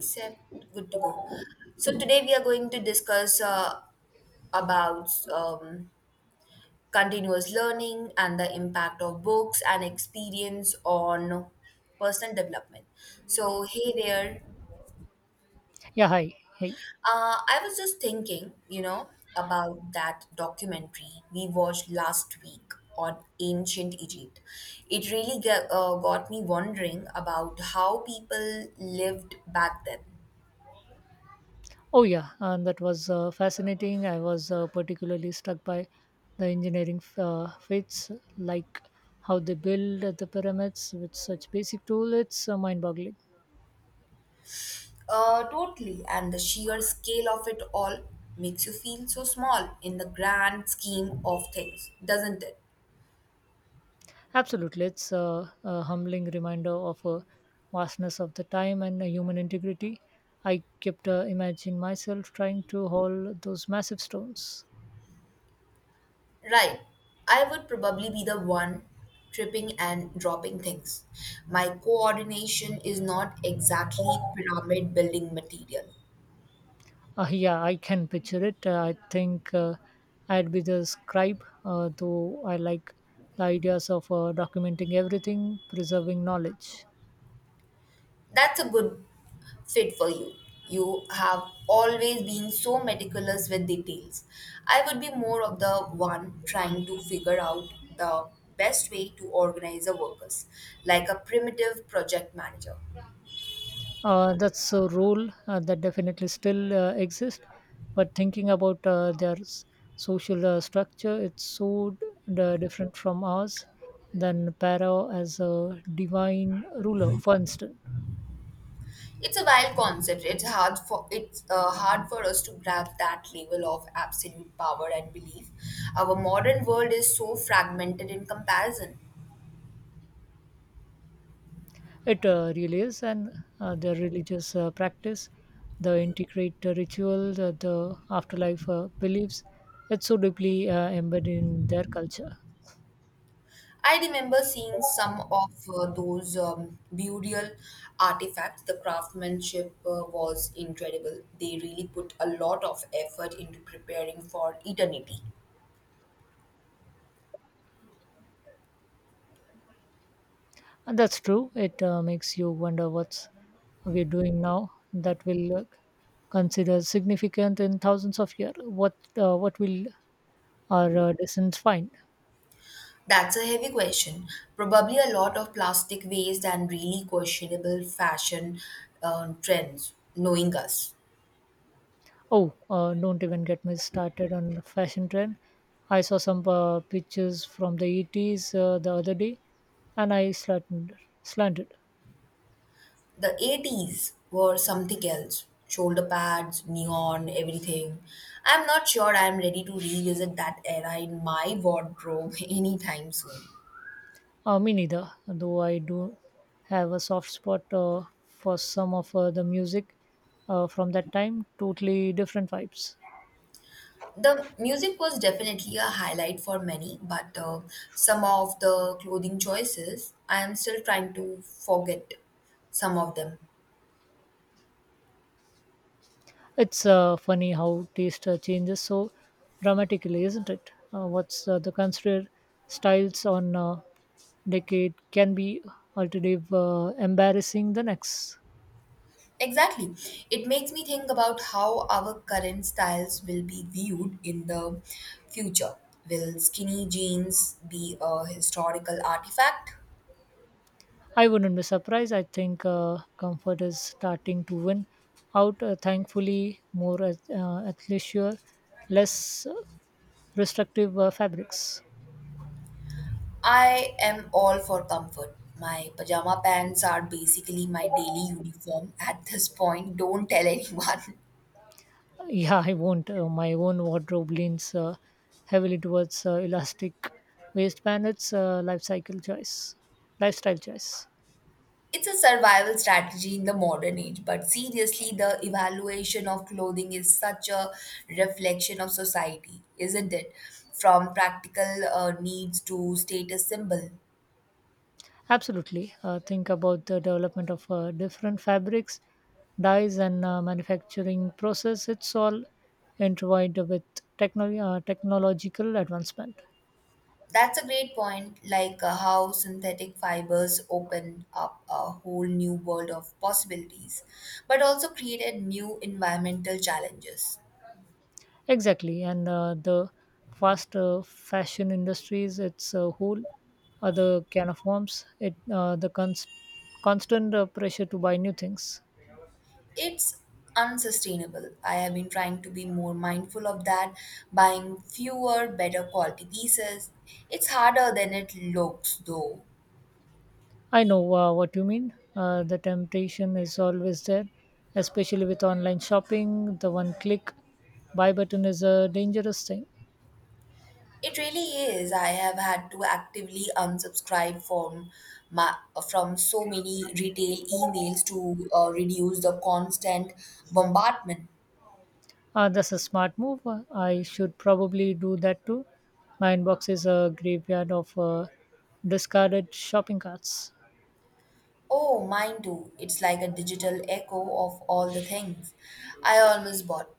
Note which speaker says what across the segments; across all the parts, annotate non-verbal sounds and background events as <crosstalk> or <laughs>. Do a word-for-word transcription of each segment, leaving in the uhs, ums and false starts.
Speaker 1: Set, good to go. So today we are going to discuss uh, about um, continuous learning and the impact of books and experience on personal development. So hey there,
Speaker 2: Yeah, hi. Hey.
Speaker 1: uh, I was just thinking, you know, about that documentary we watched last week on ancient Egypt. It really got, uh, got me wondering about how people lived back then.
Speaker 2: Oh, yeah, and that was uh, fascinating. I was uh, particularly struck by the engineering uh, feats, like how they build the pyramids with such basic tool. It's uh, mind-boggling.
Speaker 1: Uh, totally. And the sheer scale of it all makes you feel so small in the grand scheme of things, doesn't it?
Speaker 2: Absolutely, it's uh, a humbling reminder of a vastness of the time and uh, human integrity. I kept uh, imagining myself trying to haul those massive stones.
Speaker 1: Right. I would probably be the one tripping and dropping things. My coordination is not exactly pyramid building material.
Speaker 2: Uh, yeah, I can picture it. Uh, I think uh, I'd be the scribe, uh, though I like the ideas of uh, documenting everything, preserving knowledge.
Speaker 1: That's a good fit for you. You have always been so meticulous with details. I would be more of the one trying to figure out the best way to organize the workers, like a primitive project manager.
Speaker 2: Uh, that's a role uh, that definitely still uh, exists, but thinking about uh, their s- social uh, structure, it's so d- different from ours than Pharaoh as a divine ruler, for instance.
Speaker 1: It's a wild concept. It's hard for it's uh, hard for us to grasp that level of absolute power and belief. Our modern world is so fragmented in comparison.
Speaker 2: It uh, really is, and uh, the religious uh, practice, the integrate uh, ritual, the, the afterlife uh, beliefs, it's so deeply uh, embedded in their culture.
Speaker 1: I remember seeing some of uh, those um, burial artifacts. The craftsmanship uh, was incredible. They really put a lot of effort into preparing for eternity.
Speaker 2: And that's true. It uh, makes you wonder what's we're doing now that will uh, consider significant in thousands of years. What uh, what will our uh, descendants find?
Speaker 1: That's a heavy question. Probably a lot of plastic waste and really questionable fashion um, trends, knowing us.
Speaker 2: Oh, uh, don't even get me started on the fashion trend. I saw some uh, pictures from the eighties uh, the other day and I slanted. slanted.
Speaker 1: The eighties were something else. Shoulder pads, neon, everything. I'm not sure I'm ready to revisit that era in my wardrobe <laughs> anytime soon.
Speaker 2: Uh, me neither, though I do have a soft spot uh, for some of uh, the music uh, from that time. Totally different vibes.
Speaker 1: The music was definitely a highlight for many, but uh, some of the clothing choices, I am still trying to forget some of them.
Speaker 2: It's uh, funny how taste uh, changes so dramatically, isn't it? Uh, what's uh, the considered styles on uh, decade can be alternative uh, embarrassing the next.
Speaker 1: Exactly. It makes me think about how our current styles will be viewed in the future. Will skinny jeans be a historical artifact?
Speaker 2: I wouldn't be surprised. I think uh, comfort is starting to win out, uh, thankfully more at, uh, athleisure, less uh, restrictive uh, fabrics.
Speaker 1: I am all for comfort. My pajama pants are basically my daily uniform at this point. Don't tell anyone. <laughs>
Speaker 2: <laughs> Yeah, I won't. Uh, my own wardrobe leans uh, heavily towards uh, elastic waistband. It's uh, life cycle choice lifestyle choice.
Speaker 1: It's a survival strategy in the modern age, but seriously, the evaluation of clothing is such a reflection of society, isn't it? From practical uh, needs to status symbol.
Speaker 2: Absolutely. Uh, think about the development of uh, different fabrics, dyes, and uh, manufacturing process. It's all intertwined with technology, uh, technological advancement.
Speaker 1: That's a great point, like uh, how synthetic fibers open up a whole new world of possibilities, but also created new environmental challenges.
Speaker 2: Exactly. And uh, the fast uh, fashion industries, it's a whole other can of worms. It uh, the cons- constant uh, pressure to buy new things.
Speaker 1: It's unsustainable. I have been trying to be more mindful of that, buying fewer, better quality pieces. It's harder than it looks, though.
Speaker 2: I know uh, what you mean. Uh, the temptation is always there, especially with online shopping. The one click buy button is a dangerous thing.
Speaker 1: It really is. I have had to actively unsubscribe from my, from so many retail emails to uh, reduce the constant bombardment.
Speaker 2: Uh, that's a smart move. Uh, I should probably do that too. My inbox is a graveyard of uh, discarded shopping carts.
Speaker 1: Oh, mine too. It's like a digital echo of all the things I almost bought.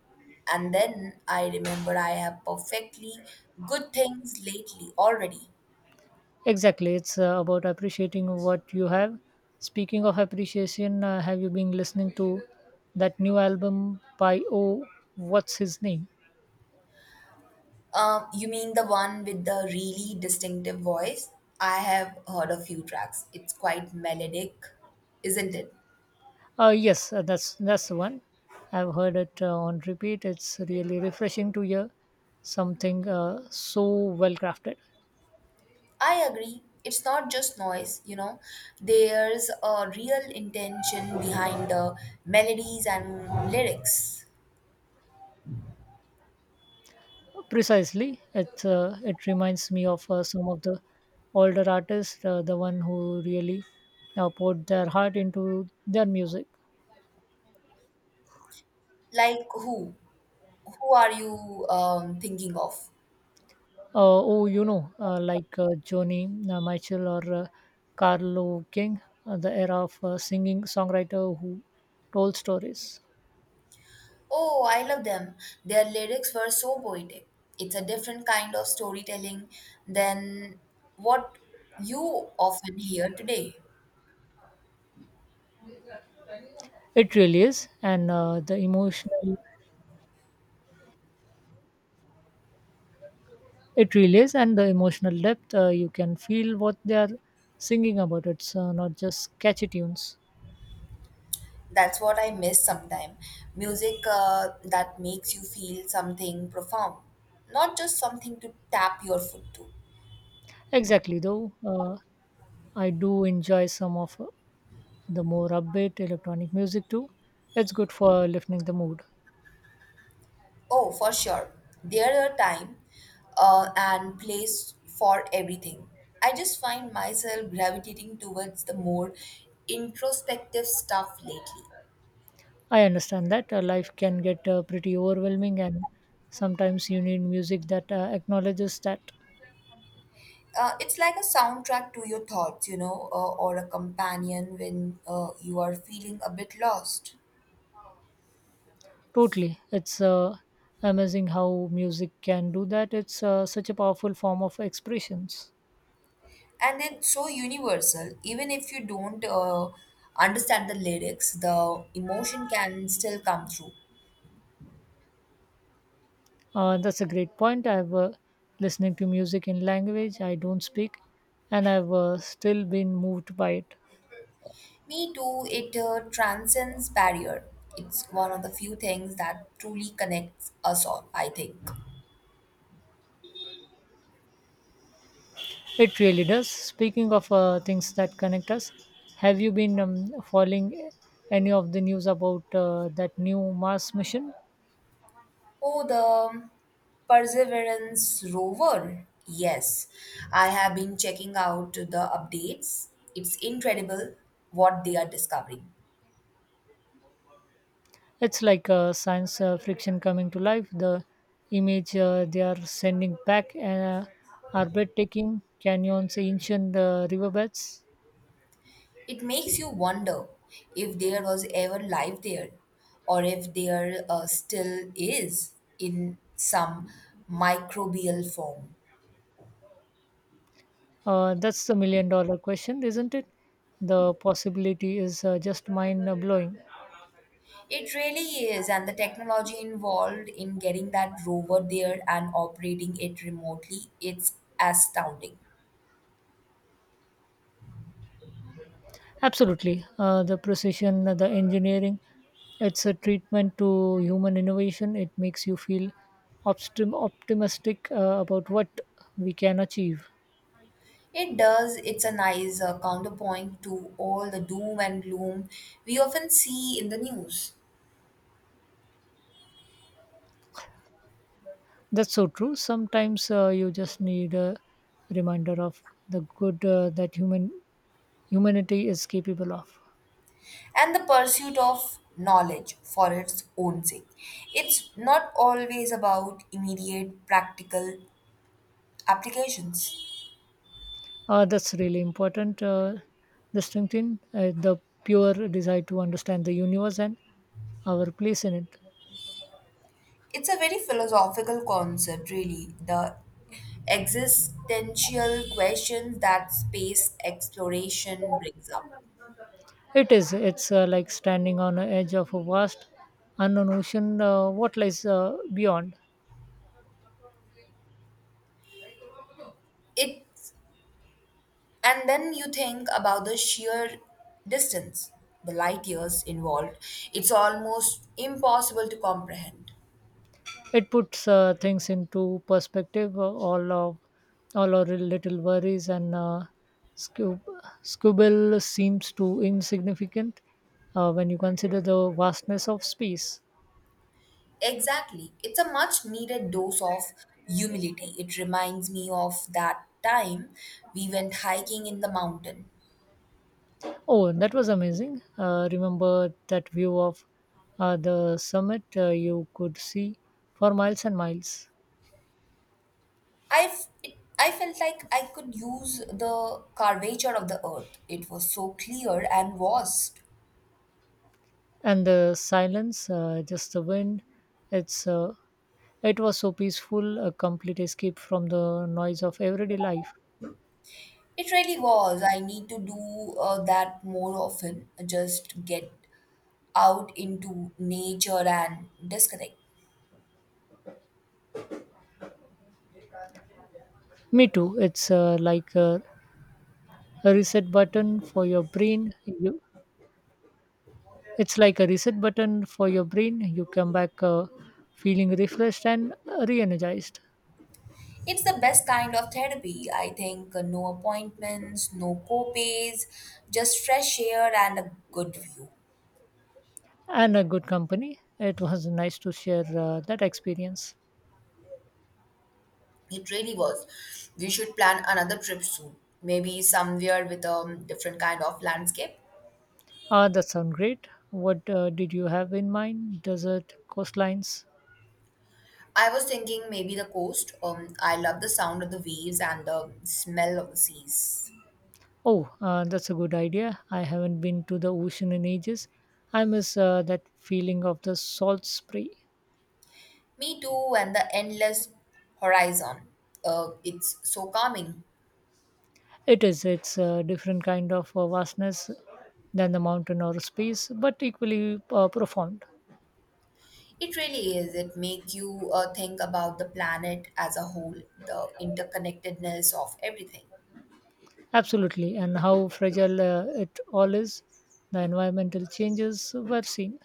Speaker 1: And then I remember I have perfectly good things lately already.
Speaker 2: Exactly. It's uh, about appreciating what you have. Speaking of appreciation, uh, have you been listening to that new album by, oh, what's his name?
Speaker 1: Um, you mean the one with the really distinctive voice? I have heard a few tracks. It's quite melodic, isn't it?
Speaker 2: Uh, yes, uh, that's that's the one. I've heard it uh, on repeat. It's really refreshing to hear something uh, so well crafted.
Speaker 1: I agree. It's not just noise, you know. There's a real intention behind the melodies and lyrics.
Speaker 2: Precisely, it uh, it reminds me of uh, some of the older artists, uh, the one who really uh, poured their heart into their music.
Speaker 1: Like who? Who are you um, thinking of?
Speaker 2: Uh, oh, you know, uh, like uh, Joni uh, Mitchell or uh, Carlo King, uh, the era of uh, singing songwriter who told stories.
Speaker 1: Oh, I love them. Their lyrics were so poetic. It's a different kind of storytelling than what you often hear today.
Speaker 2: It really is, and uh, the emotional it really is, and the emotional depth uh, you can feel what they are singing about. It's uh, not just catchy tunes.
Speaker 1: That's what I miss sometimes. Music uh, that makes you feel something profound, not just something to tap your foot to.
Speaker 2: Exactly, though uh, I do enjoy some of uh, the more upbeat electronic music too. It's good for lifting the mood.
Speaker 1: Oh, for sure. There are time uh, and place for everything. I just find myself gravitating towards the more introspective stuff lately.
Speaker 2: I understand that uh, life can get uh, pretty overwhelming, and sometimes you need music that uh, acknowledges that.
Speaker 1: Uh, it's like a soundtrack to your thoughts, you know, uh, or a companion when uh, you are feeling a bit lost.
Speaker 2: Totally. It's uh, amazing how music can do that. It's uh, such a powerful form of expressions.
Speaker 1: And it's so universal. Even if you don't uh, understand the lyrics, the emotion can still come through.
Speaker 2: Uh, that's a great point. I've uh, listening to music in language I don't speak, and I've uh, still been moved by it.
Speaker 1: Me too, it uh, transcends barrier. It's one of the few things that truly connects us all, I think.
Speaker 2: It really does. Speaking of uh, things that connect us, have you been um, following any of the news about uh, that new Mars mission?
Speaker 1: Oh, the Perseverance rover. Yes, I have been checking out the updates. It's incredible what they are discovering.
Speaker 2: It's like uh, science uh, friction coming to life. The image uh, they are sending back uh, are breathtaking canyons, ancient uh, riverbeds.
Speaker 1: It makes you wonder if there was ever life there or if there uh, still is in some microbial form.
Speaker 2: Uh, that's the million dollar question, isn't it? The possibility is uh, just mind blowing.
Speaker 1: It really is, and the technology involved in getting that rover there and operating it remotely, it's astounding.
Speaker 2: Absolutely. Uh, the precision, the engineering, it's a treatment to human innovation. It makes you feel optim- optimistic uh, about what we can achieve.
Speaker 1: It does, it's a nice uh, counterpoint to all the doom and gloom we often see in the news.
Speaker 2: That's so true. Sometimes uh, you just need a reminder of the good uh, that human humanity is capable of.
Speaker 1: And the pursuit of knowledge for its own sake. It's not always about immediate practical applications.
Speaker 2: Uh, that's really important. Uh, distinction, uh, the pure desire to understand the universe and our place in it.
Speaker 1: It's a very philosophical concept, really. The existential questions that space exploration brings up.
Speaker 2: It is. It's uh, like standing on the edge of a vast, unknown ocean. Uh, what lies uh, beyond?
Speaker 1: It, and then you think about the sheer distance, the light years involved. It's almost impossible to comprehend.
Speaker 2: It puts uh, things into perspective. Uh, all of all our little worries and uh, squib- squabble seems too insignificant uh, when you consider the vastness of space.
Speaker 1: Exactly. It's a much needed dose of humility. It reminds me of that time we went hiking in the mountain.
Speaker 2: Oh, that was amazing. Uh, remember that view of uh, the summit uh, you could see for miles and miles.
Speaker 1: I, f- it- I felt like I could use the curvature of the earth. It was so clear and vast.
Speaker 2: And the silence, uh, just the wind. It's uh, it was so peaceful, a complete escape from the noise of everyday life.
Speaker 1: It really was. I need to do uh, that more often. Just get out into nature and disconnect.
Speaker 2: Me too. It's uh, like a, a reset button for your brain. You, it's like a reset button for your brain. You come back uh, feeling refreshed and re energized.
Speaker 1: It's the best kind of therapy. I think uh, no appointments, no copays, just fresh air and a good view.
Speaker 2: And a good company. It was nice to share uh, that experience.
Speaker 1: It really was. We should plan another trip soon. Maybe somewhere with a different kind of landscape.
Speaker 2: Ah, that sounds great. What uh, did you have in mind? Desert, coastlines?
Speaker 1: I was thinking maybe the coast. Um, I love the sound of the waves and the smell of the seas.
Speaker 2: Oh, uh, that's a good idea. I haven't been to the ocean in ages. I miss uh, that feeling of the salt spray.
Speaker 1: Me too, and the endless horizon. Uh, it's so calming.
Speaker 2: It is. It's a different kind of uh, vastness than the mountain or space, but equally uh, profound.
Speaker 1: It really is. It make you uh, think about the planet as a whole, the interconnectedness of everything.
Speaker 2: Absolutely. And how fragile uh, it all is. The environmental changes were seen.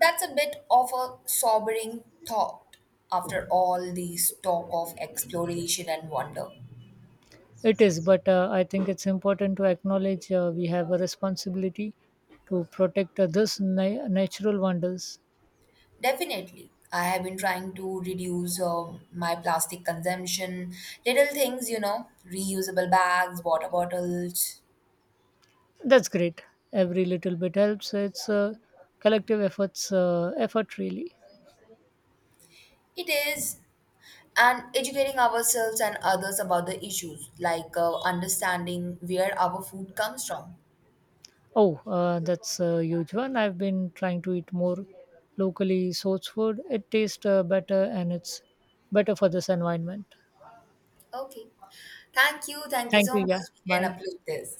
Speaker 1: That's a bit of a sobering thought after all this talk of exploration and wonder.
Speaker 2: It is, but uh, I think it's important to acknowledge uh, we have a responsibility to protect uh, this na- natural wonders.
Speaker 1: Definitely. I have been trying to reduce um my plastic consumption. Little things, you know, reusable bags, water bottles.
Speaker 2: That's great. Every little bit helps. It's a collective efforts uh, effort, really.
Speaker 1: It is. And educating ourselves and others about the issues, like uh, understanding where our food comes from.
Speaker 2: Oh, uh, that's a huge one. I've been trying to eat more locally sourced food. It tastes uh, better and it's better for this environment.
Speaker 1: Okay. Thank you. Thank you
Speaker 2: Thank
Speaker 1: so
Speaker 2: you. Yeah.
Speaker 1: much. We can
Speaker 2: Bye.
Speaker 1: upload this.